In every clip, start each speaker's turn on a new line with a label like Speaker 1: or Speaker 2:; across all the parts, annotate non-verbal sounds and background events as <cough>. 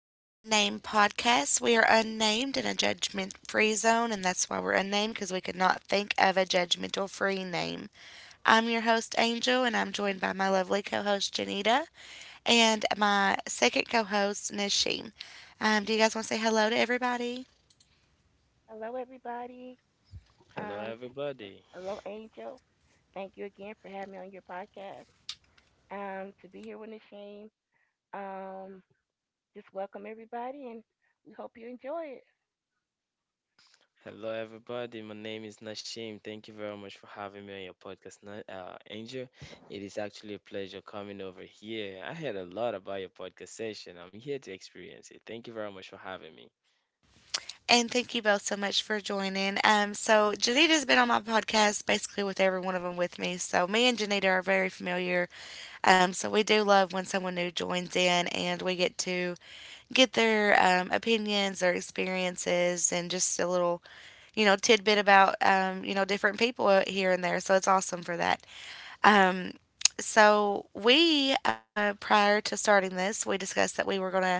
Speaker 1: the Unnamed Podcast. We are unnamed in a judgment free zone, and that's why we're unnamed because we could not think of a judgmental free name. I'm your host, Angel, and I'm joined by my lovely co host, Janita, and my second co host, Nashim. Do you guys want to say hello to everybody?
Speaker 2: Hello, everybody.
Speaker 3: Hello,
Speaker 2: Um,
Speaker 3: everybody.
Speaker 2: Hello, Angel. Thank you again for having me on your podcast. To be here with a shame. Um, just welcome everybody, and we hope you enjoy it.
Speaker 3: My name is Nashim. Thank you very much for having me on your podcast, Angel. It is actually a pleasure coming over here. I heard a lot about your podcast session. I'm here to experience it. Thank you very much for having me.
Speaker 1: And thank you both so much for joining. So Janita's been on my podcast basically with every one of them with me. So me and Janita are very familiar. So we do love when someone new joins in and we get to get their opinions, their experiences, and just a tidbit about, different people here and there. So it's awesome for that. Um, so prior to starting this, we discussed that we were going to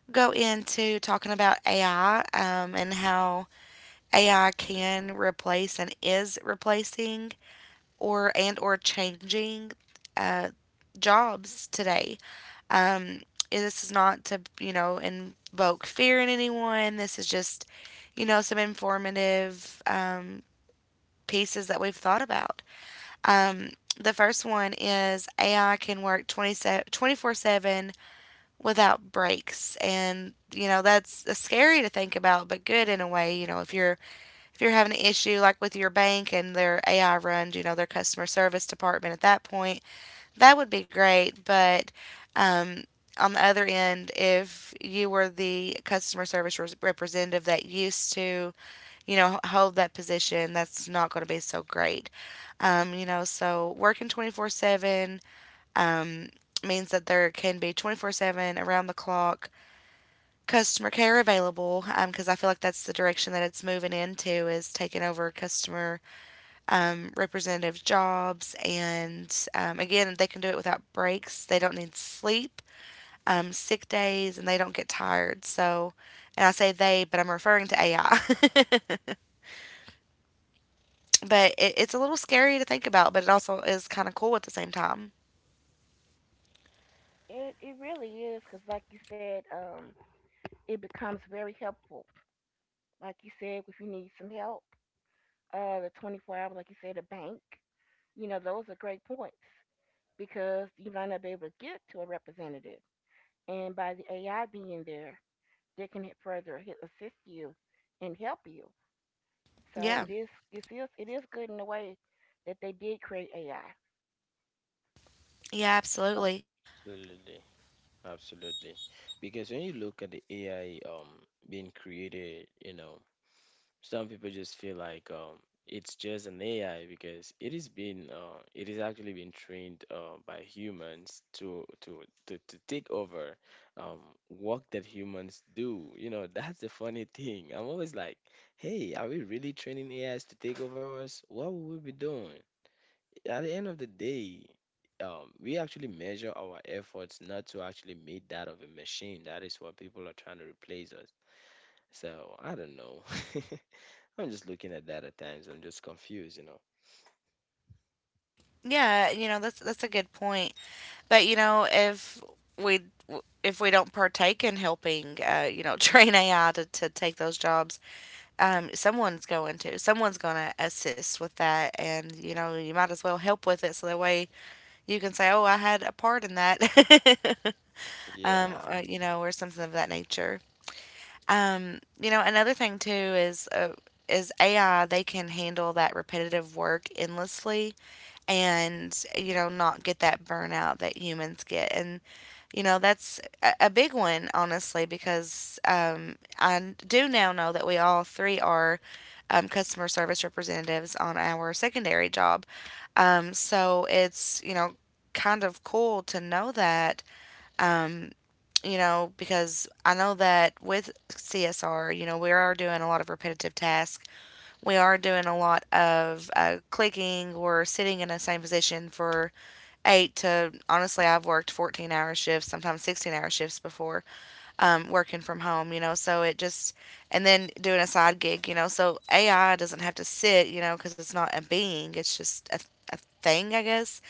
Speaker 1: go into talking about AI and how AI can replace and is replacing or and or changing uh, jobs today. um, this is not to, you know, invoke fear in anyone. This is just, you know, some informative pieces that we've thought about. Um, the first one is AI can work 24/7 without breaks. And, you know, that's scary to think about, but good in a way. You know, if you're having an issue like with your bank and their AI runs, you know, their customer service department at that point, that would be great, but um, on the other end, if you were the customer service representative that used to, you know, hold that position, that's not going to be so great. You know, so working 24/7 um, means that there can be 24/7 around the clock customer care available because I feel like that's the direction that it's moving into is taking over customer representative jobs. And again, they can do it without breaks. They don't need sleep, sick days, and they don't get tired. So, and I say they, but I'm referring to AI. <laughs> But it's a little scary to think about, but it also is kind of cool at the same time.
Speaker 2: It really is, cause like you said, it becomes very helpful. Like you said, if you need some help, the 24-hour, like you said, a bank. You know, those are great points because you might not be able to get to a representative, and by the AI being there, they can further assist you and help you. So
Speaker 1: Yeah.
Speaker 2: it is good in a way that they did create AI.
Speaker 1: Yeah, absolutely.
Speaker 3: Absolutely, absolutely. Because when you look at the AI being created, you know, some people just feel like it's just an AI because it is actually being trained by humans to take over um, work that humans do. You know, that's the funny thing. I'm always like, hey, are we really training AIs to take over us? What will we be doing? At the end of the day, we actually measure our efforts not to actually meet that of a machine. That is what people are trying to replace us. So I don't know. <laughs> I'm just looking at that at times. I'm just confused, you know.
Speaker 1: Yeah, you know, that's a good point. But you know, we if we don't partake in helping, you know, <laughs> train AI to take those jobs, someone's going to assist with that, and you know, you might as well help with it so that way you can say, "Oh, I had a part in that." <laughs>
Speaker 3: Yeah.
Speaker 1: Or you know, or something of that nature. You know, another thing too is AI, they can handle that repetitive work endlessly and you know, not get that burnout that humans get. And you know, that's a big one, honestly, because I do now know that we all three are customer service representatives on our secondary job. So it's, you know, kind of cool to know that. You know, because I know that with CSR, you know, we are doing a lot of repetitive tasks. We are doing a lot of clicking or sitting in the same position for eight to honestly, I've worked 14-hour shifts, sometimes 16-hour shifts before, working from home, you know. So it just, and then doing a side gig, you know. So AI doesn't have to sit, you know, because it's not a being. It's just a thing, I guess.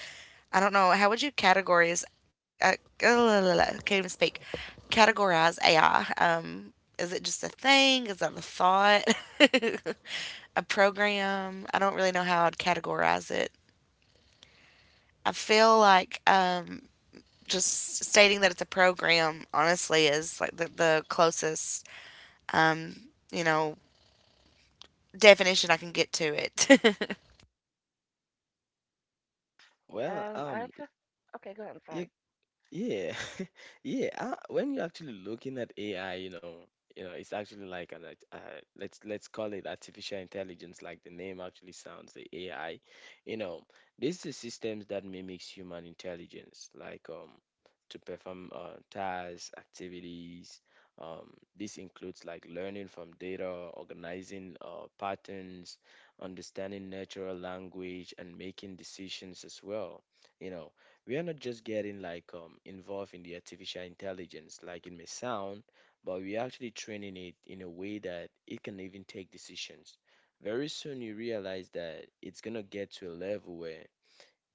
Speaker 1: I don't know. How would you categorize? Uh, can't even speak. Categorize AI. Is it just a thing? Is that a thought? <laughs> A program. I don't really know how I'd categorize it. I feel like just stating that it's a program, honestly, is like the closest, um, you know, definition
Speaker 3: Mhm.
Speaker 1: I can get to it. <laughs>
Speaker 3: Well,
Speaker 2: Um, I t- okay, go ahead. I'm
Speaker 3: you
Speaker 2: sorry.
Speaker 3: Yeah, <laughs> yeah. When you're actually looking at AI, you know, it's actually like an let's call it artificial intelligence, like the name actually sounds, the AI. You know, this is systems that mimics human intelligence, like to perform tasks, activities. This includes like learning from data, organizing patterns, understanding natural language, and making decisions as well. You know, we are not just getting like involved in the artificial intelligence like it may sound, but we're actually training it in a way that it can even take decisions. Very soon you realize that it's going to get to a level where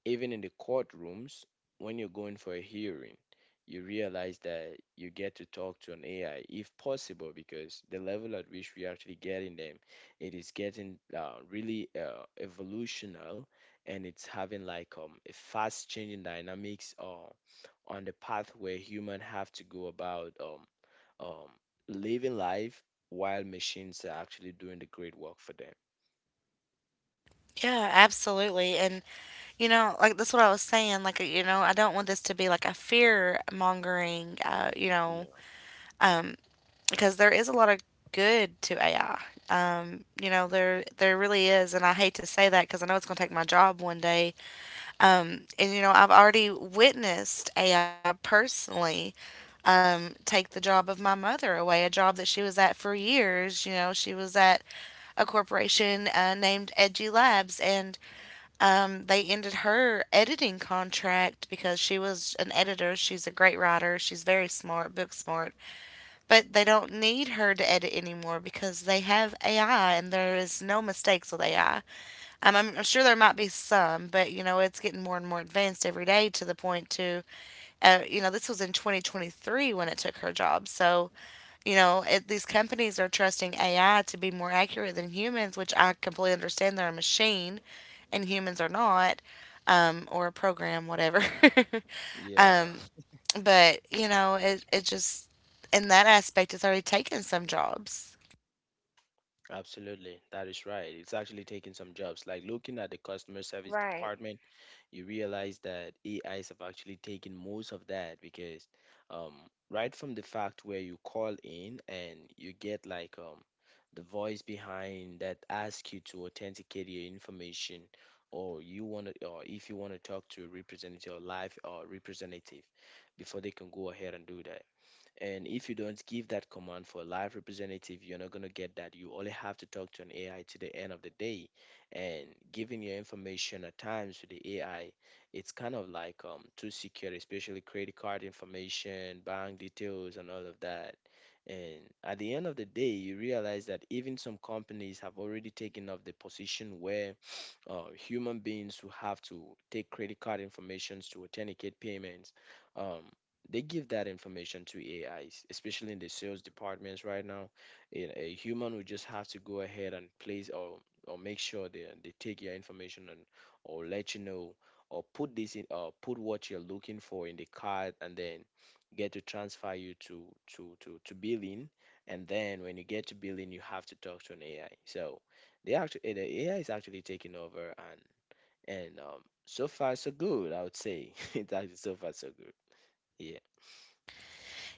Speaker 3: even in the courtrooms, when you're going for a hearing, you realize that you get to talk to an AI if possible, because the level at which we're actually getting them, it is getting really evolutional, and it's having like a fast changing dynamics on the path where human have to go about um, living life while machines are actually doing the great work for them.
Speaker 1: Yeah, absolutely. And, you know, like that's what I was saying. Like, you know, I don't want this to be like a fear mongering,
Speaker 3: Yeah.
Speaker 1: um, because there is a lot of good to AI. You know, there really is, and I hate to say that because I know it's going to take my job one day. And you know, I've already witnessed AI personally take the job of my mother away, a job that she was at for years. You know, she was at a corporation named Edgy Labs, and they ended her editing contract because she was an editor. She's a great writer. She's very smart, book smart, but they don't need her to edit anymore because they have AI, and there is no mistakes with AI. I'm sure there might be some, but you know, it's getting more and more advanced every day, to the point to, you know, this was in 2023 when it took her job. So, you know, these companies are trusting AI to be more accurate than humans, which I completely understand. They're a machine, and humans are not, or a program, whatever. <laughs>
Speaker 3: Yeah.
Speaker 1: um, but you know, it just, in that aspect, it's already taken some jobs.
Speaker 3: Absolutely, that is right. It's actually taking some jobs. Like looking at the customer service
Speaker 2: Right.
Speaker 3: department, you realize that AIs have actually taken most of that because, um, right from the fact where you call in and you get like the voice behind that asks you to authenticate your information, or if you want to talk to a representative or live or representative, before they can go ahead and do that. And if you don't give that command for a live representative, you're not going to get that. You only have to talk to an AI to the end of the day. And giving your information at times to the AI, it's kind of like too secure, especially credit card information, bank details, and all of that. And at the end of the day, you realize that even some companies have already taken up the position where human beings who have to take credit card informations to authenticate payments, um, they give that information to AIs, especially in the sales departments right now. A human would just have to go ahead and place or make sure they take your information and or let you know or put this in or put what you're looking for in the card, and then get to transfer you to billing, and then when you get to billing you have to talk to an AI. So the AI is actually taking over, and so far so good, I would say. <laughs> It's actually so far so good. Yeah.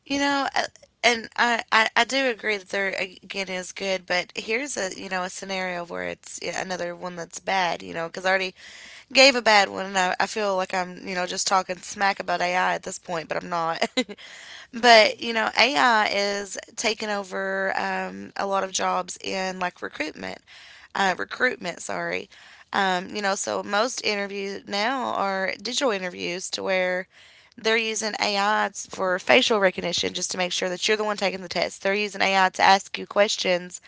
Speaker 1: You know, I do agree that there again is good, but here's a, you know, a scenario where it's, yeah, another one that's bad. You know, because already gave a bad one, and I feel like I'm, you know, just talking smack about AI at this point, but I'm not. <laughs> But,
Speaker 3: Hmm.
Speaker 1: you know, AI is taking over a lot of jobs in like recruitment, recruitment, sorry. You know, so most interviews now are digital interviews to where they're using AI for facial recognition just to make sure that you're the one taking the test. They're using AI to ask you questions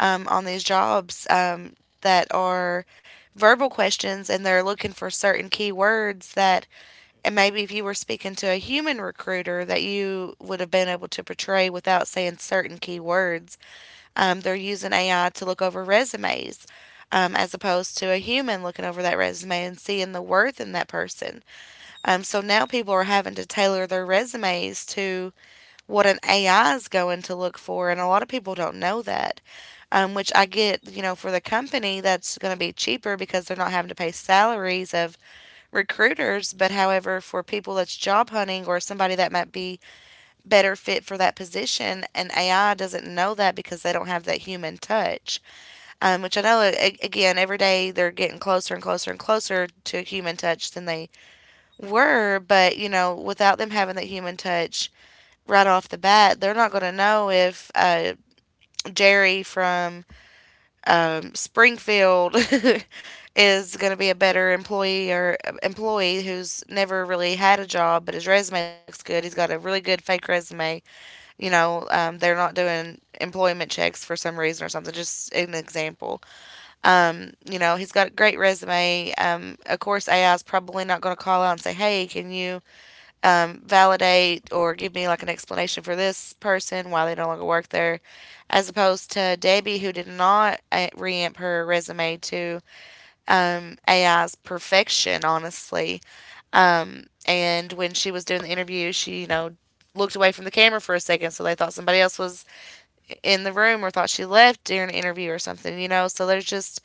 Speaker 1: on these jobs that are verbal questions, and they're looking for certain key words that, and maybe if you were speaking to a human recruiter that you would have been able to portray without saying certain key words. They're using AI to look over resumes as opposed to a human looking over that resume and seeing the worth in that person. So now people are having to tailor their resumes to what an AI is going to look for, and a lot of people don't know that. Which I get, you know, for the company that's going to be cheaper because they're not having to pay salaries of recruiters. But however, for people that's job hunting or somebody that might be better fit for that position, and AI doesn't know that because they don't have that human touch. Which I know, again, every day they're getting closer and closer and closer to human touch than they were. But you know, without them having that human touch right off the bat, they're not going to know if Jerry from Springfield <laughs> is going to be a better employee or employee who's never really had a job, but his resume looks good. He's got a really good fake resume. You know, they're not doing employment checks for some reason or something. Just an example. You know, he's got a great resume. Of course, AI is probably not going to call out and say, "Hey, can you validate or give me like an explanation for this person, why they no longer work there," as opposed to Debbie, who did not reamp her resume to AI's perfection, honestly. And when she was doing the interview, she, you know, looked away from the camera for a second, so they thought somebody else was in the room or thought she left during an interview or something, you know. So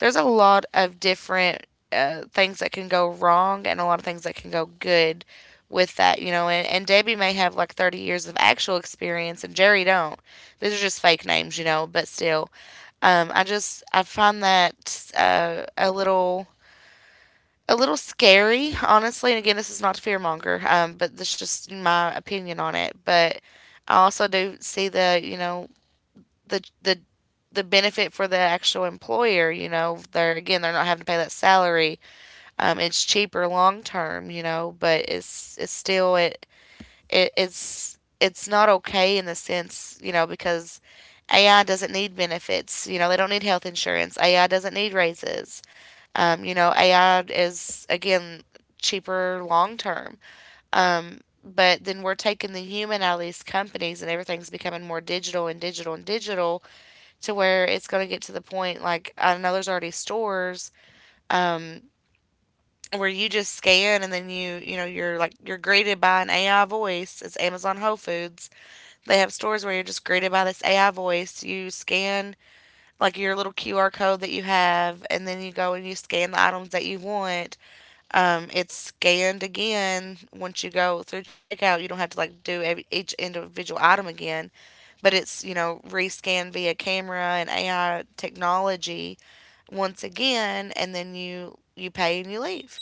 Speaker 1: there's a lot of different things that can go wrong and a lot of things that can go good with that, you know. And Debbie may have like 30 years of actual experience, and Jerry don't. These are just fake names, you know. But still, I find that a little scary, honestly. And again, this is not to fearmonger, but that's just my opinion on it. But I also do see the, you know, the the benefit for the actual employer. You know, they're, again, they're not having to pay that salary. It's cheaper long term. You know, but it's still it, it it's not okay in the sense, you know, because AI doesn't need benefits. You know, they don't need health insurance. AI doesn't need raises. You know, AI is, again, cheaper long term. But then we're taking the human out of these companies and everything's becoming more digital and digital and digital to where it's going to get to the point. Like, I know there's already stores um, where you just scan and then you know you're like you're greeted by an AI voice. It's Amazon Whole Foods. They have stores where you're just greeted by this AI voice. You scan like your little QR code that you have, and then you go and you scan the items that you want. It's scanned again once you go through checkout. You don't have to like do each individual item again, but it's rescanned via camera and AI technology once again, and then you pay and you leave.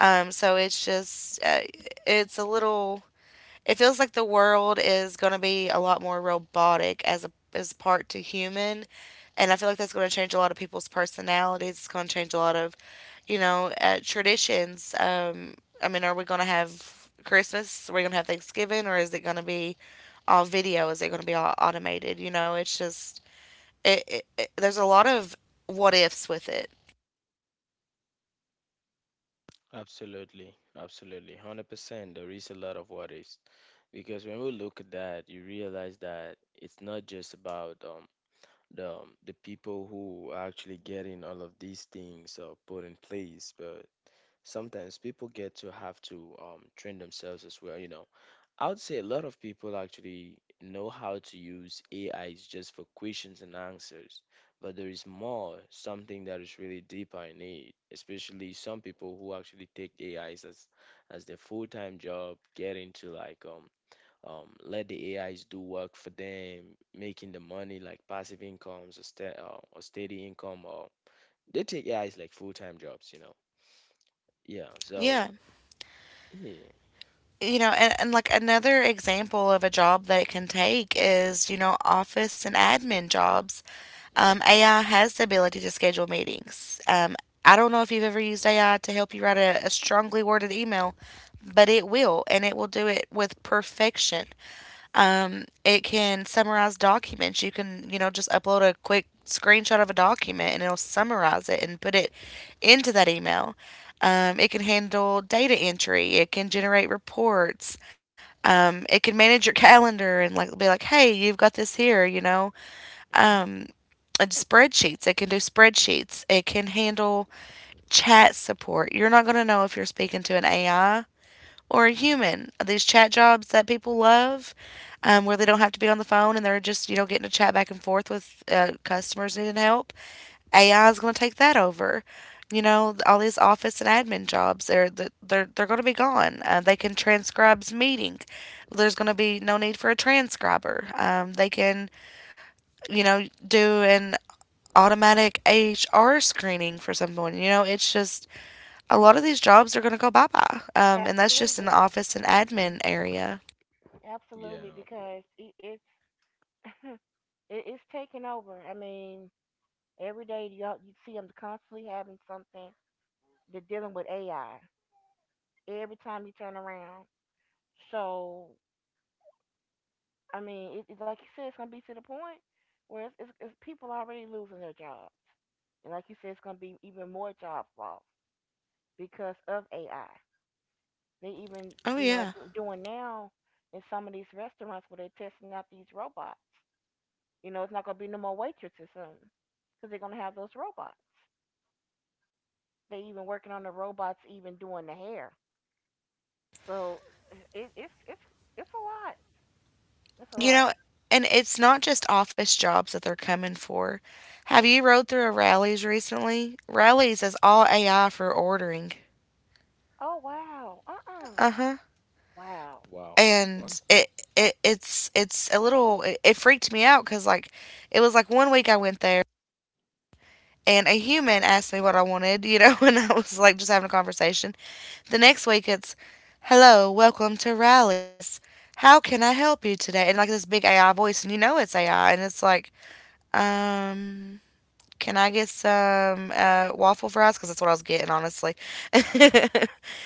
Speaker 1: So it's just it's a little, it feels like the world is going to be a lot more robotic as a as part to human, and I feel like that's going to change a lot of people's personalities. It's going to change a lot of, you know, traditions. I mean, are we going to have Christmas? Are we going to have Thanksgiving, or is it going to be all video? Is it going to be all automated? You know, it's just it, it, it. There's a lot of what ifs with it.
Speaker 3: Absolutely, absolutely, 100%. There is a lot of what ifs because when we look at that, you realize that it's not just about the people who are actually getting all of these things put in place, but sometimes people get to have to train themselves as well. You know, I would say a lot of people actually know how to use AIs just for questions and answers, but there is more, something that is really deeper in it, especially some people who actually take AIs as their full-time job, get into like let the AIs do work for them, making the money like passive incomes, or sta or steady income, or they take AIs like full-time jobs, you know. Yeah, so
Speaker 1: Yeah.
Speaker 3: yeah.
Speaker 1: You know, and like another example of a job that it can take is, you know, office and admin jobs.
Speaker 3: Hmm.
Speaker 1: AI has the ability to schedule meetings. I don't know if you've ever used AI to help you write a strongly worded email, but it will, and it will do it with perfection. It can summarize documents. You can, you know, just upload a quick screenshot of a document and it'll summarize it and put it into that email. It can handle data entry, it can generate reports. It can manage your calendar and like be like, hey, you've got this here, you know.
Speaker 3: Hmm.
Speaker 1: And spreadsheets, it can do spreadsheets. It can handle chat support. You're not going to know if you're speaking to an AI or a human. These chat jobs that people love, where they don't have to be on the phone and they're just, you know, getting to chat back and forth with customers needing help. AI is going to take that over. You know, all these office and admin jobs, they're they're going to be gone. They can transcribe's meeting. There's going to be no need for a transcriber. They can, you know, do an automatic HR screening for someone. You know, it's just a lot of these jobs are going to go bye bye. And that's just in the
Speaker 2: Absolutely.
Speaker 1: office and
Speaker 3: Hmm.
Speaker 1: admin area.
Speaker 2: Absolutely,
Speaker 3: Yeah.
Speaker 2: because it's taking over. I mean, every day you all you see them constantly having something. They're dealing with AI every time you turn around. So I mean, it, it's like you said, it's gonna be to the point where it's people already losing their jobs, and like you said, it's gonna be even more jobs lost because of AI. They even
Speaker 1: Oh
Speaker 2: you know
Speaker 1: yeah.
Speaker 2: doing now in some of these restaurants where they're testing out these robots. You know, it's not gonna be no more waitresses soon because they're gonna have those robots. They even working on the robots even doing the hair. So it, it's it's it's a lot. It's a
Speaker 1: You
Speaker 2: lot.
Speaker 1: know, and it's not just office jobs that they're coming for. Have you rode through a rallies recently? Rallies is all AI for ordering.
Speaker 2: Oh wow. Uh
Speaker 1: Uh huh.
Speaker 2: Wow.
Speaker 3: Wow. Wow.
Speaker 1: And it's a little, it freaked me out because, like, it was like one week I went there and a human asked me what I wanted, you know, <laughs> and I was like just having a conversation. The next week it's, hello, welcome to rallies. How can I help you today? And like this big AI voice, and you know it's AI, and it's like, um, can I get some waffle fries? Because that's what I was getting, honestly. <laughs>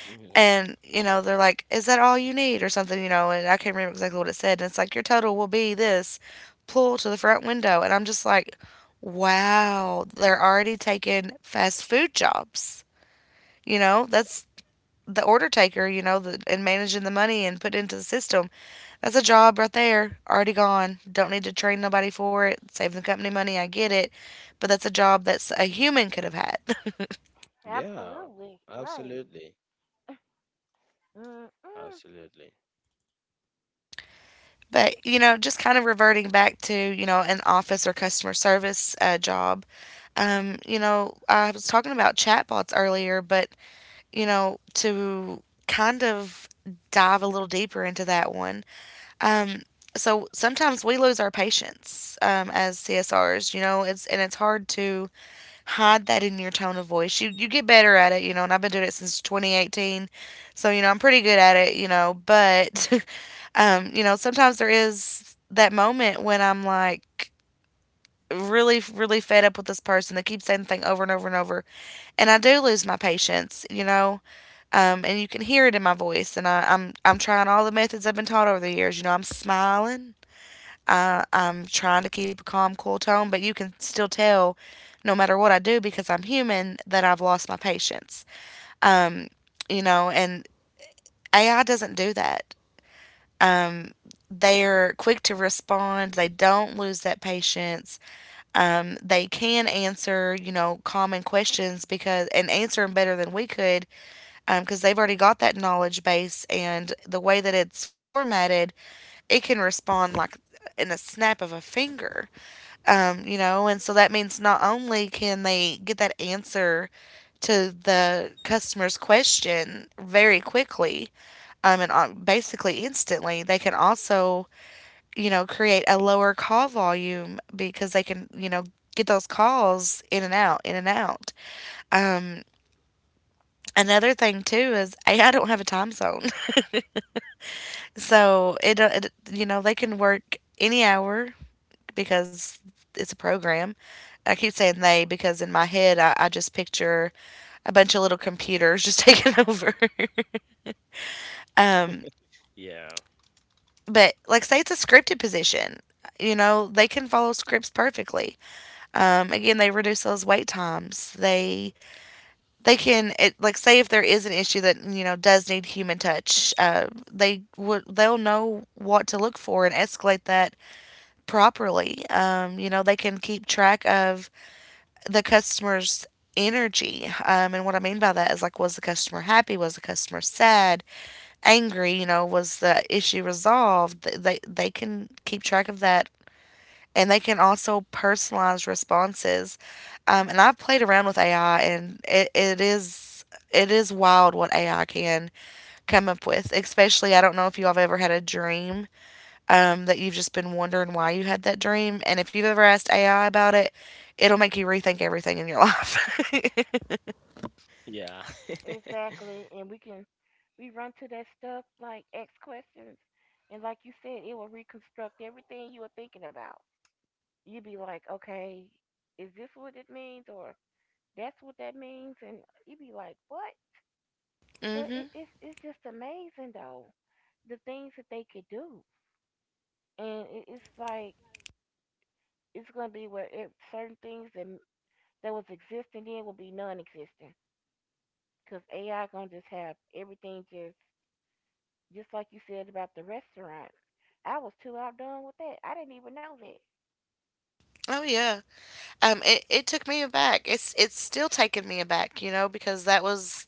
Speaker 3: Yeah.
Speaker 1: And, you know, they're like, is that all you need? Or something, you know, and I can't remember exactly what it said. And it's like, your total will be this, pull to the front window. And I'm just like, wow, they're already taking fast food jobs. You know, that's the order taker, you know, and managing the money and put into the system, that's a job right there, already gone. Don't need to train nobody for it. Save the company money, I get it. But that's a job that's a human could have had. <laughs>
Speaker 3: Yeah,
Speaker 2: Absolutely right.
Speaker 3: absolutely.
Speaker 2: Mm-mm.
Speaker 3: Absolutely.
Speaker 1: But, you know, just kind of reverting back to, you know, an office or customer service job. You know, I was talking about chatbots earlier, but, you know, to kind of dive a little deeper into that one. Um, so sometimes we lose our patience as CSRs, you know, it's, and it's hard to hide that in your tone of voice. You get better at it, you know, and I've been doing it since 2018. So, you know, I'm pretty good at it, you know, but <laughs> you know, sometimes there is that moment when I'm like really really fed up with this person. They keep saying the thing over and over and over, and I do lose my patience, you know. And you can hear it in my voice, and I'm trying all the methods I've been taught over the years. You know, I'm smiling, I'm trying to keep a calm, cool tone, but you can still tell, no matter what I do, because I'm human, that I've lost my patience. You know, and AI doesn't do that. They're quick to respond. They don't lose that patience. They can answer, you know, common questions because, and answer them better than we could because they've already got that knowledge base, and the way that it's formatted, it can respond like in a snap of a finger. You know, and so that means not only can they get that answer to the customer's question very quickly, and basically instantly, they can also, you know, create a lower call volume because they can, you know, get those calls in and out, in and out. Um, another thing too is AI don't have a time zone, <laughs> so do it, you know, they can work any hour because it's a program. I keep saying they because in my head I just picture a bunch of little computers just <laughs> taking over. <laughs> Um,
Speaker 3: Yeah.
Speaker 1: but like say it's a scripted position, you know, they can follow scripts perfectly. Again, they reduce those wait times. Like say if there is an issue that, you know, does need human touch, they'll know what to look for and escalate that properly. You know, they can keep track of the customer's energy. And what I mean by that is, like, was the customer happy? Was the customer sad, angry? You know, was the issue resolved? They can keep track of that, and they can also personalize responses. And I've played around with AI, and it, it is wild what AI can come up with. Especially, I don't know if you all have ever had a dream that you've just been wondering why you had that dream. And if you've ever asked AI about it, it'll make you rethink everything in your life. <laughs>
Speaker 3: Yeah. <laughs>
Speaker 2: Exactly, and we run to that stuff like ask questions, and like you said, it will reconstruct everything you were thinking about. You'd be like, okay, is this what it means, or that's what that means, and you'd be like, what? But
Speaker 1: Hmm.
Speaker 2: it's just amazing though the things that they could do, and it, it's like it's gonna be where it, certain things that that was existing then will be non-existent because AI gonna just have everything just like you said about the restaurants. I was too outdone with that. I didn't even know that.
Speaker 1: Oh yeah.
Speaker 2: <sighs>
Speaker 1: It took me aback. It's still taking me aback, you know, because that was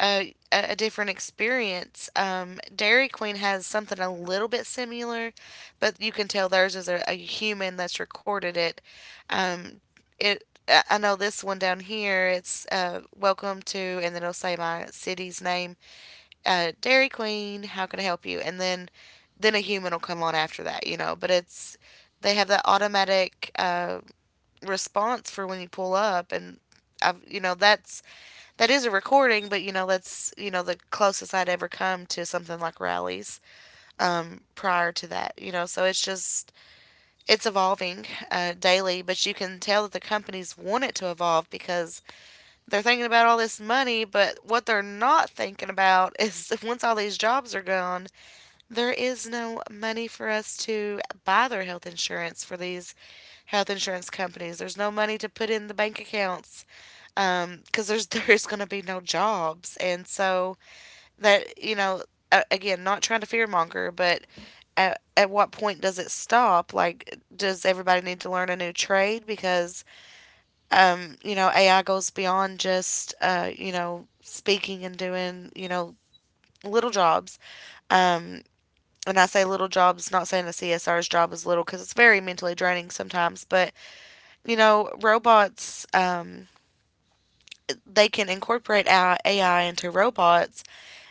Speaker 1: a different experience. Dairy Queen has something a little bit similar, but you can tell theirs is a human that's recorded it. Um, it I know this one down here. It's welcome to, and then it'll say my city's name, Dairy Queen, how can I help you? And then a human will come on after that, you know. But it's they have that automatic response for when you pull up, and I've, you know, that's that is a recording, but you know that's, you know, the closest I'd ever come to something like rallies prior to that, you know. So it's just it's evolving daily, but you can tell that the companies want it to evolve because they're thinking about all this money, but what they're not thinking about <laughs> is once all these jobs are gone, there is no money for us to buy their health insurance for these health insurance companies. There's no money to put in the bank accounts because there's <laughs> there's going to be no jobs, and so that, you know, again, not trying to fearmonger, but at what point does it stop? Like, does everybody need to learn a new trade? Because, you know, AI goes beyond just, you know, speaking and doing, you know, little jobs. Um, and I say little jobs, not saying a CSR's job is little because it's very mentally draining sometimes, but you know, robots, they can incorporate AI into robots,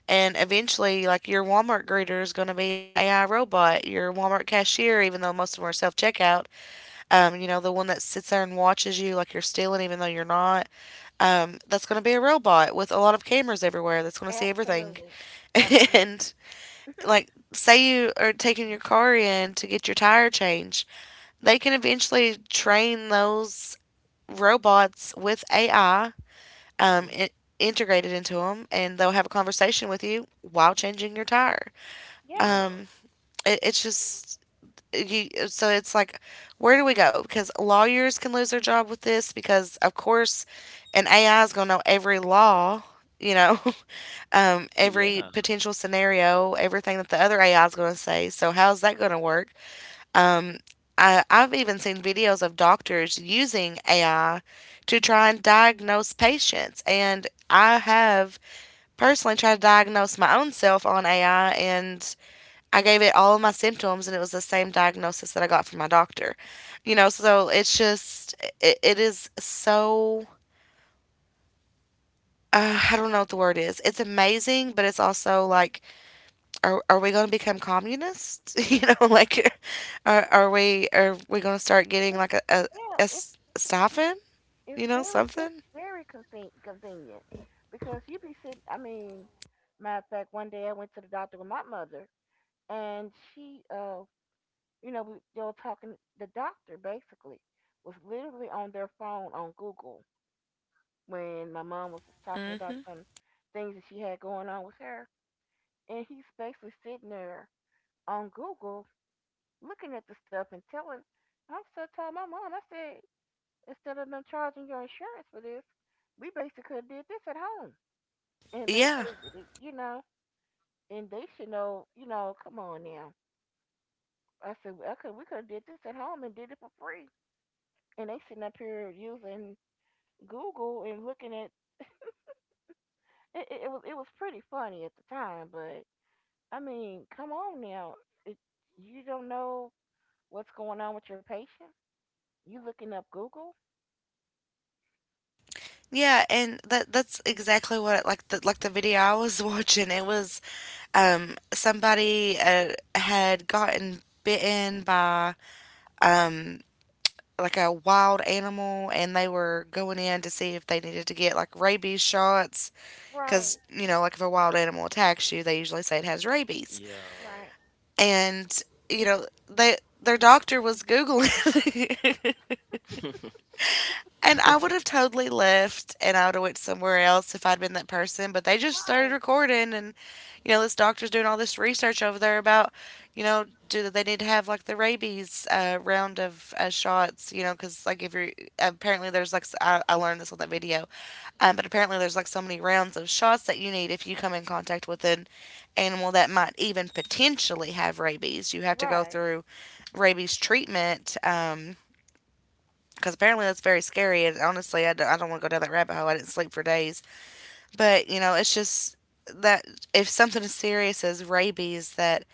Speaker 1: and eventually, like your Walmart greeter is going to be an AI robot, your Walmart cashier, even though most of them are self checkout, you know, the one that sits there and watches you like you're stealing, even though you're not, that's going to be a robot with a lot of cameras everywhere that's going
Speaker 2: It's
Speaker 1: to see everything.
Speaker 2: Absolutely,
Speaker 1: <laughs>
Speaker 2: absolutely.
Speaker 1: and Like, say you are taking your car in to get your tire changed, they can eventually train those robots with AI um,
Speaker 3: Mm-hmm.
Speaker 1: i- integrated into them, and they'll have a conversation with you while changing your tire.
Speaker 2: Yeah,
Speaker 3: Yeah.
Speaker 1: Um, it's just you. So it's like, where do we go? Because lawyers can lose their job with this, because of course, an AI is going to know every law. You know, <laughs> every
Speaker 3: Yeah.
Speaker 1: potential scenario, everything that the other AI is going to say. So, how's that going to work? Um, I've even seen videos of doctors using AI to try and diagnose patients. And I have personally tried to diagnose my own self on AI, and I gave it all my symptoms, and it was the same diagnosis that I got from my doctor. You know, so it is so. I don't know what the word is. It's amazing, but it's also like, are we going to become communists? <laughs> You know, like, are we going to start getting
Speaker 2: it's,
Speaker 1: like
Speaker 2: yeah.
Speaker 1: a
Speaker 2: It's it's
Speaker 1: stipend? You know,
Speaker 2: it's
Speaker 1: something.
Speaker 2: very convenient because you be sitting. I mean, matter of fact, one day I went to the doctor with my mother, and you know, they were talking. The doctor basically was literally on their phone on Google when my mom was just talking about
Speaker 1: Mm-hmm.
Speaker 2: some things that she had going on with her. And he's basically sitting there on Google looking at the stuff and telling. I so told my mom, I said, instead of them charging your insurance for this, we basically could have did this at home. And
Speaker 1: Yeah.
Speaker 2: basically, did it, you know, and they should know, you know, come on now. I said, "Well, I could, we could have did this at home and did it for free. And they sitting up here using Google and looking at it, it was pretty funny at the time, but I mean, come on now. It, you don't know what's going on with your patient? You looking up Google?
Speaker 1: Yeah, and that's exactly what it, like the video I was <laughs> watching. It was somebody had gotten bitten by um like a wild animal, and they were going in to see if they needed to get like rabies shots, cuz
Speaker 2: Right,
Speaker 1: you know, like if a wild animal attacks you, they usually say it has rabies.
Speaker 3: Yeah.
Speaker 2: right,
Speaker 1: And you know, they, their doctor was googling. <laughs>
Speaker 3: <laughs>
Speaker 1: And I would have totally left and I would have went somewhere else if I'd been that person. But they just started
Speaker 2: right.
Speaker 1: recording. And you know, this doctor's doing all this research over there about, you know, do they need to have like the rabies round of shots, you know, because like if you're apparently there's like I learned this on that video. But apparently there's like so many rounds of shots that you need if you come in contact with an animal that might even potentially have rabies. You have to go
Speaker 2: Right.
Speaker 1: through rabies treatment. Because apparently that's very scary. And honestly, I don't want to go down that rabbit hole. I didn't sleep for days. But, you know, it's just that if something as serious as rabies that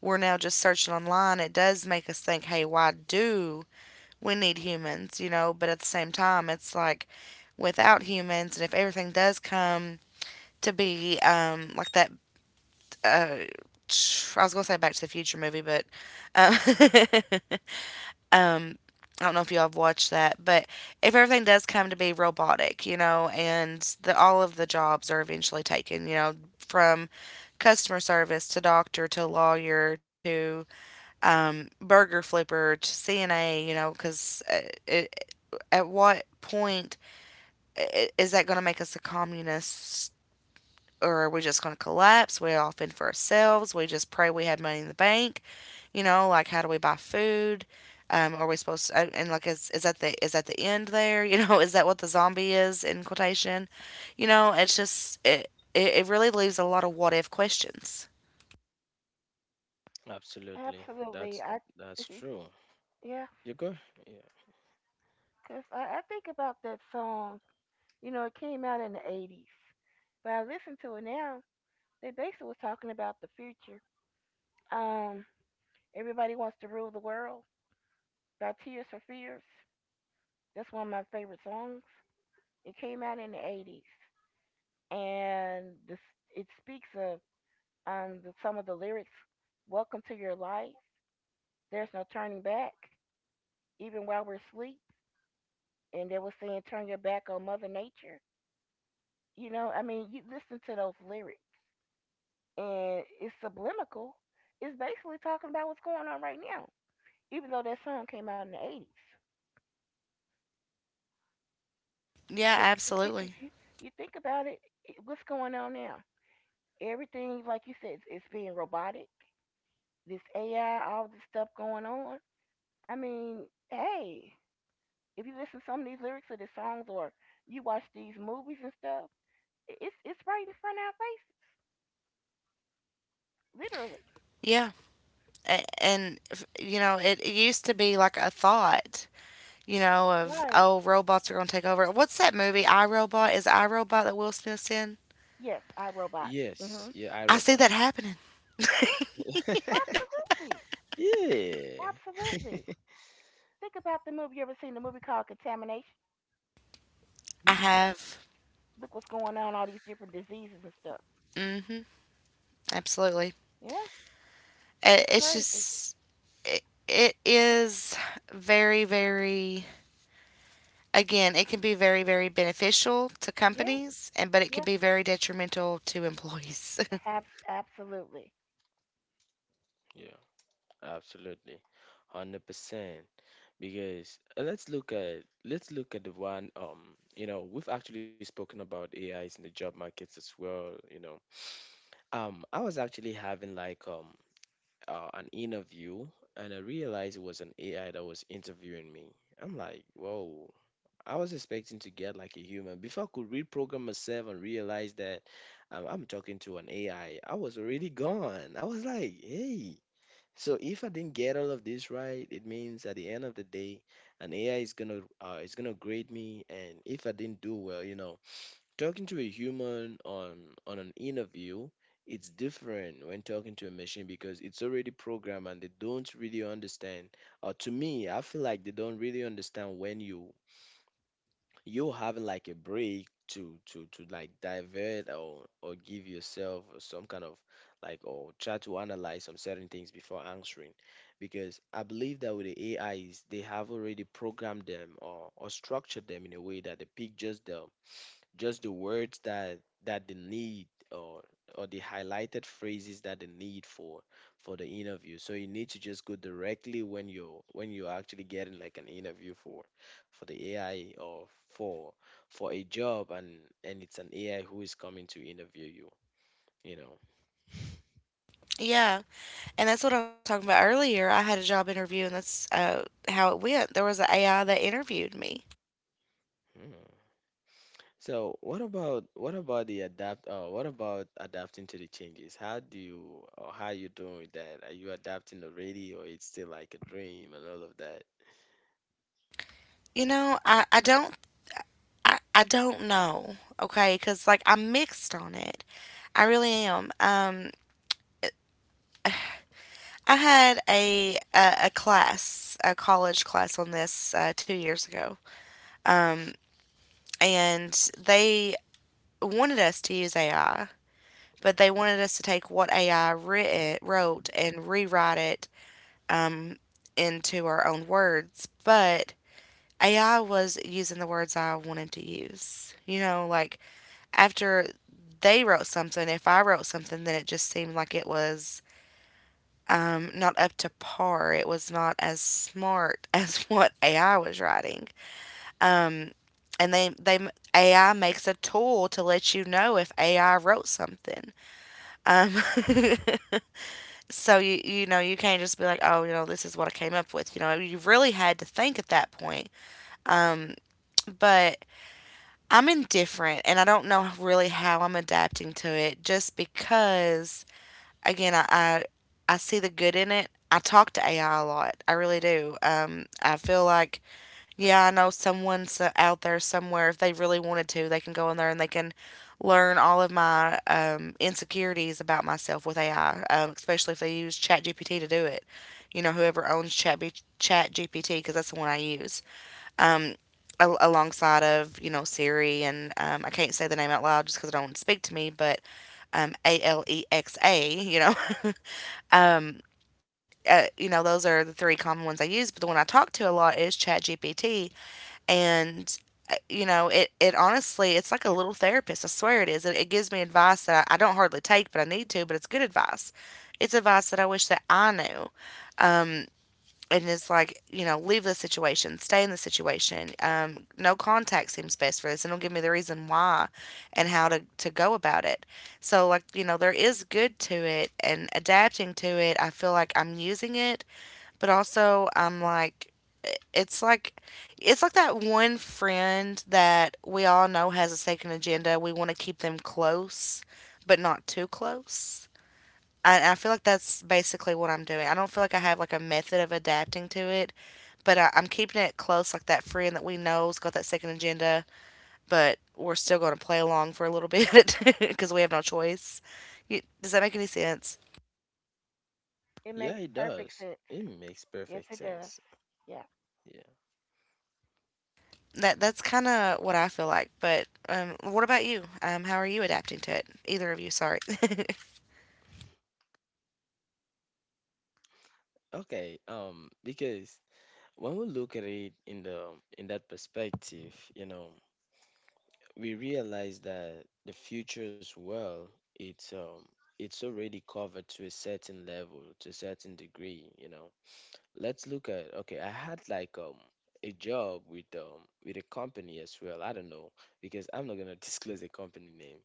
Speaker 1: we're now just searching online, it does make us think, hey, why do we need humans? You know, but at the same time, it's like without humans, and if everything does come to be like that, uh, I was going to say Back to the Future movie, but um, <laughs> I don't know if y'all have watched that. But if everything does come to be robotic, you know, and the, all of the jobs are eventually taken, you know, from customer service to doctor to lawyer to burger flipper to CNA, you know, because at what point is that going to make us a communist, or are we just going to collapse? We all fend for ourselves. We just pray we had money in the bank. You know, like how do we buy food? Are we supposed to, like is that the end there? <laughs> You know, is that what the zombie is in quotation? You know, it's just it really leaves a lot of what if questions.
Speaker 3: Absolutely.
Speaker 2: Absolutely.
Speaker 3: That's
Speaker 2: I
Speaker 3: that's true.
Speaker 2: <laughs> yeah,
Speaker 3: You go? Yeah.
Speaker 2: cause I think about that song. You know, it came out in the '80s, but I listen to it now. They basically was talking about the future. Um, everybody wants to rule the world by Tears for Fears. That's one of my favorite songs. It came out in the '80s. And this it speaks of the, some of the lyrics. Welcome to your life. There's no turning back, even while we're asleep. And they were saying, "Turn your back on Mother Nature." You know, I mean, you listen to those lyrics, and it's subliminal. It's basically talking about what's going on right now, even though that song came out in the '80s.
Speaker 1: Yeah,
Speaker 2: Because you think if
Speaker 1: absolutely.
Speaker 2: you, you think about it, it, what's going on now? Everything, like you said, it's being robotic. This AI, all this stuff going on I mean, hey, if you listen to some of these lyrics of the songs or you watch these movies and stuff, it's right in front of our faces, literally.
Speaker 1: Yeah. A- And, you know, it used to be like a thought, you know, of,
Speaker 2: Right.
Speaker 1: oh, robots are going to take over. What's that movie, I Robot? Is I Robot that Will Smith's in?
Speaker 2: Yes, I Robot.
Speaker 3: Yes.
Speaker 2: Mhm.
Speaker 3: Yeah, I
Speaker 1: I see
Speaker 3: robot.
Speaker 1: that
Speaker 3: <laughs>
Speaker 1: happening.
Speaker 2: Yes, absolutely,
Speaker 3: Yeah. <laughs>
Speaker 2: absolutely. Think about the movie. You ever seen the movie called Contamination?
Speaker 1: I
Speaker 3: Hmm.
Speaker 1: have.
Speaker 2: Look what's going on, all these different diseases and stuff.
Speaker 1: Mm hmm Absolutely.
Speaker 2: Yeah,
Speaker 1: I
Speaker 2: it's
Speaker 1: it's
Speaker 2: crazy.
Speaker 1: just, it, it is very, very, again, it can be very, very beneficial to
Speaker 2: Yeah,
Speaker 1: companies, and but it can
Speaker 2: yeah,
Speaker 1: be very detrimental to employees. <laughs>
Speaker 2: Absolutely.
Speaker 3: Yeah. Absolutely, 100%. Because let's look at the one you know, we've actually spoken about AIs in the job markets as well. You know, I was actually having like an interview, and I realized it was an AI that was interviewing me. I'm like, whoa. I was expecting to get like a human before I could reprogram myself and realize that I'm talking to an AI. I was already gone. I was like, hey. So if I didn't get all of this right, it means at the end of the day, an AI is gonna grade me. And if I didn't do well, you know, talking to a human on an interview, it's different when talking to a machine because it's already programmed and they don't really understand. To me, I feel like they don't really understand when you having like a break to like divert, or give yourself some kind of like, or try to analyze some certain things before answering, because I believe that with the AIs they have already programmed them or structured them in a way that they pick just the words that they need, or the highlighted phrases that they need for the interview. So you need to just go directly when you're actually getting like an interview for the AI, or for a job, and it's an AI who is coming to interview you, you know.
Speaker 1: Yeah, and that's what I was talking about earlier. I had a job interview, and that's how it went. There was an AI that interviewed me.
Speaker 3: Hmm. So what about the adapt what about adapting to the changes? How do you, or how you doing with that? Are you adapting already, or it's still like a dream and all of that?
Speaker 1: You know, I don't know. Okay, because like I'm mixed on it. I really am. I had a class, a college class on this 2 years ago, um, and they wanted us to use AI, but they
Speaker 3: Mm-hmm.
Speaker 1: wanted us to take what AI wrote and rewrite it um, into our own words. But AI was using the words I wanted to use. You know, like after they wrote something, if I wrote something, then it just seemed like it was not up to par. It was not as smart <laughs> as what AI was writing. Um, and they AI makes a tool to let you know if AI wrote something. Um, <laughs> so you know, you can't just be like, oh, you know, this is what I came up with. You know, you really had to think at that point. Um, but I'm indifferent, and I don't know really how I'm adapting to it, just because again, I see the good in it. I talk to AI a lot. I really do. I feel like, yeah, I know someone out there somewhere, if they really wanted to, they can go in there and they can learn all of my insecurities about myself with AI, especially if they use ChatGPT to do it. You know, whoever owns ChatGPT, because that's the one I use. Um, Alongside of, you know, Siri and I can't say the name out loud just because it don't speak to me, but Alexa, you know, <laughs> you know, those are the three common ones I use. But the one I talk to a lot is ChatGPT, and you know, it honestly, it's like a little therapist. I swear it is. It gives me advice that I don't hardly take, but I need to. But it's good advice. It's advice that I wish that I knew, and it's like, you know, leave the situation, stay in the situation. No contact seems best for this, and it'll give me the reason why, and how to go about it. So like, you know, there is good to it, and adapting to it. I feel like I'm using it, but also I'm like, it's like it's like that one friend that we all know has a second agenda. We want to keep them close, but not too close. I feel like that's basically what I'm doing. I don't feel like I have like a method of adapting to it, but I'm keeping it close, like that friend that we know's got that second agenda, but we're still going to play along for a little bit <laughs> because we have no choice. You, does that make any sense?
Speaker 2: It
Speaker 3: Yeah,
Speaker 2: makes
Speaker 3: it
Speaker 2: perfect
Speaker 3: does.
Speaker 2: sense.
Speaker 3: It makes
Speaker 2: Yes,
Speaker 3: perfect
Speaker 2: it does.
Speaker 3: sense.
Speaker 2: Yeah.
Speaker 3: Yeah.
Speaker 1: That that's kind of what I feel like. But what about you? How are you adapting to it? Either of you, sorry. <laughs>
Speaker 3: Okay. Because when we look at it in that perspective, you know, we realize that the it's um it's already covered to a certain level, to a certain degree, you know. Let's look at, okay, I had like a job with a company as well. I don't know, because I'm not gonna <laughs> disclose the company name.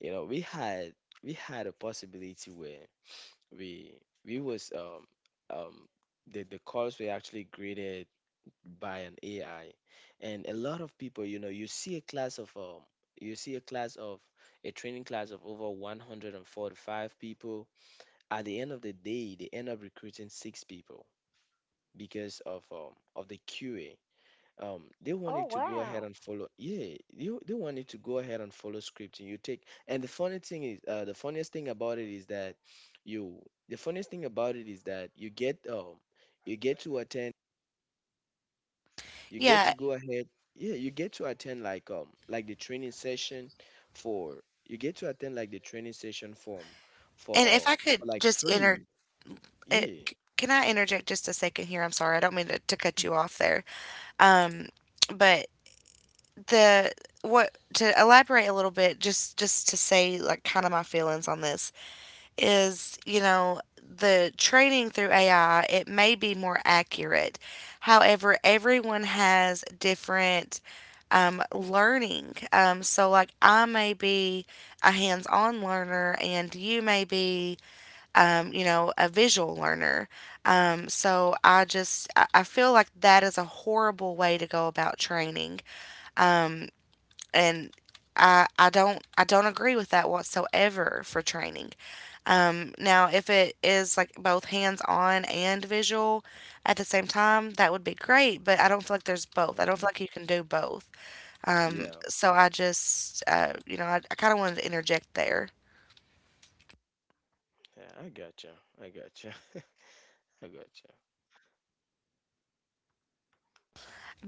Speaker 3: You know, we had a possibility where we we was um the calls were actually graded by an AI, and a lot of people, you know, you see a class of you see a class of a training class of over 145 people. At the end of the day, they end up recruiting six people because of the QA. They
Speaker 2: Oh
Speaker 3: wanted to go ahead
Speaker 2: wow,
Speaker 3: and follow, yeah, you they wanted to go ahead and follow script and you take, and the funny thing is, the funniest thing about it is that you the funniest thing about it is that you get to attend, you get to
Speaker 1: Yeah,
Speaker 3: go ahead, yeah, you get to attend like the training session for you get to attend like the training session for
Speaker 1: and if
Speaker 3: um
Speaker 1: I could
Speaker 3: for like
Speaker 1: just inter,
Speaker 3: free,
Speaker 1: it,
Speaker 3: yeah,
Speaker 1: c- can I interject just a second here? I'm sorry, I don't mean to, cut
Speaker 3: yeah.
Speaker 1: you off there. Um, but the what To elaborate a little bit, just to say like kind of my feelings on this, is, you know, the training through AI, it may be more accurate. However, everyone has different learning. So, like, I may be a hands on learner, and you may be, you know, a visual learner. So, I just, I feel like that is a horrible way to go about training. Um, and I don't agree with that whatsoever for training. Now, if it is like both hands on and visual at the same time, that would be great. But I don't feel like there's both. I don't
Speaker 3: Mhm.
Speaker 1: feel like you can do both.
Speaker 3: Yeah,
Speaker 1: So I just you know, I kind of wanted to interject there.
Speaker 3: yeah, I gotcha, I gotcha. <laughs> I gotcha.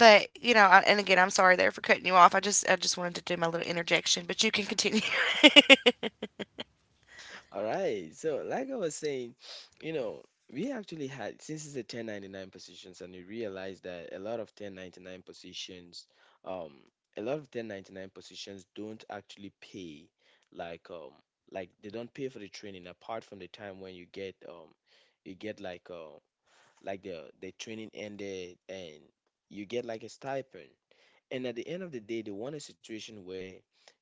Speaker 1: But you know, and again, I'm sorry there for cutting you off. I just wanted to do my little interjection, but you can continue. <laughs>
Speaker 3: All right. So, like I was saying, <sniffs> you know, we actually had, since it's a 1099 positions, and we realized that a lot of 1099 positions, um, a lot of 1099 positions don't actually pay, like, um, like they don't pay for the training apart from the time when you get like the training ended and you get like a stipend. And at the end of the day, they want a situation where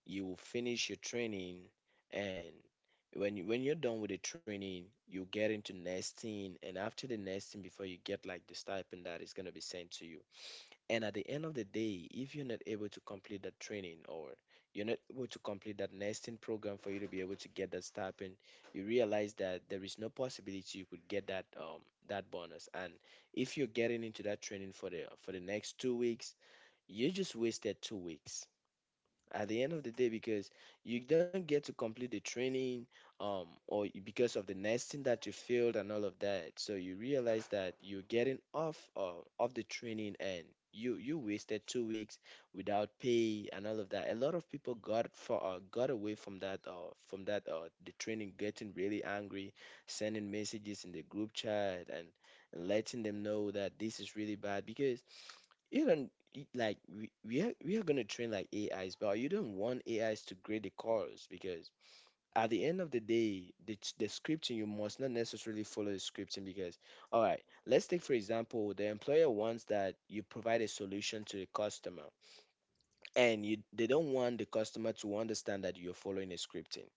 Speaker 3: you will finish your training, and when you're done with the training, you get into nesting, and after the nesting, before you get like the stipend that is gonna be sent to you. And at the end of the day, if you're not able to complete that training, or you're not able to complete that nesting program for you to be able to get that stipend, you realize that there is no possibility you could get that that bonus. And if you're getting into that training for the next 2 weeks, you just wasted 2 weeks at the end of the day, because you don't get to complete the training, because of the nesting that you failed and all of that. So you realize that you're getting off of the training, and you wasted 2 weeks without pay and all of that. A lot of people got for got away from that the training, getting really angry, sending messages in the group chat, and letting them know that this is really bad. Because you don't, like, we are, we are gonna train like AIs, but you don't want AIs to grade the chorus, because at the end of the day, the the scripting, you must not necessarily follow the scripting, because, all right, let's take for example the employer wants that you provide a solution to the customer, and you they don't want the customer to understand that you're following a scripting.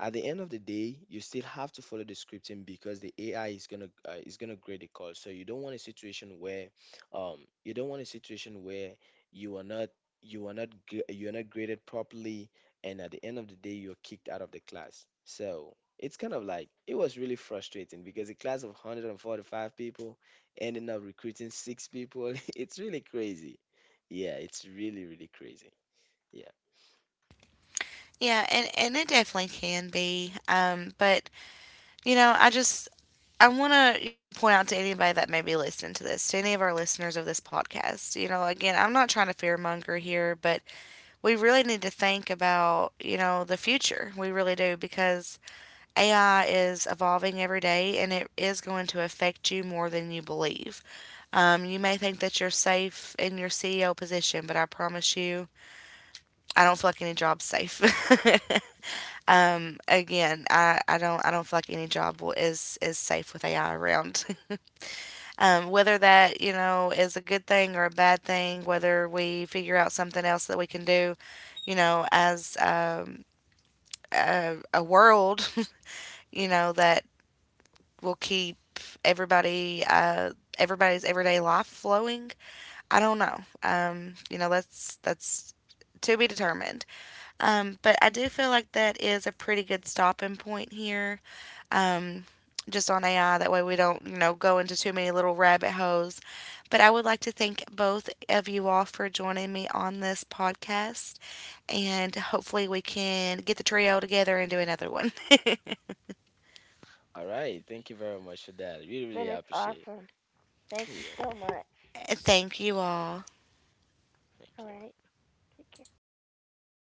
Speaker 3: At the end of the day, you still have to follow the scripting because the AI is gonna grade the call. So you don't want a situation where, um, you don't want a situation where you are not, you are not graded properly, and at the end of the day, you're kicked out of the class. So it's kind of like, it was really frustrating because a class of 145 people ending up recruiting six people. <laughs> It's really crazy. Yeah, it's really really crazy. Yeah.
Speaker 1: Yeah, and it definitely can be. But You know, I just I want to, you know, point out to anybody that may be listening to this, to any of our listeners of this podcast. You know, again, I'm not trying to fearmonger here, but we really need to think about, you know, the future. We really do because AI is evolving every day and it is going to affect you more than you believe. You may think that you're safe in your CEO position, but I promise you, I don't feel like any job's safe. <laughs> Again, I don't feel like any job will, is safe with AI around. <laughs> Um, whether that, you know, is a good thing or a bad thing, whether we figure out something else that we can do, you know, as a world, <laughs> you know, that will keep everybody everybody's everyday life flowing. I don't know. You know, that's to be determined. But I do feel like that is a pretty good stopping point here. Um, just on AI. That way we don't, you know, go into too many little rabbit holes. But I would like to thank both of you all for joining me on this podcast. And hopefully we can get the trio together and do another one. <laughs>
Speaker 3: All right. Thank you very much for that. Really
Speaker 2: that
Speaker 3: really
Speaker 2: is
Speaker 3: appreciate it.
Speaker 2: awesome. Thank you
Speaker 3: Yeah.
Speaker 2: so much.
Speaker 1: Thank you all.
Speaker 2: All
Speaker 3: Thank
Speaker 2: right.
Speaker 3: you.
Speaker 2: Take care.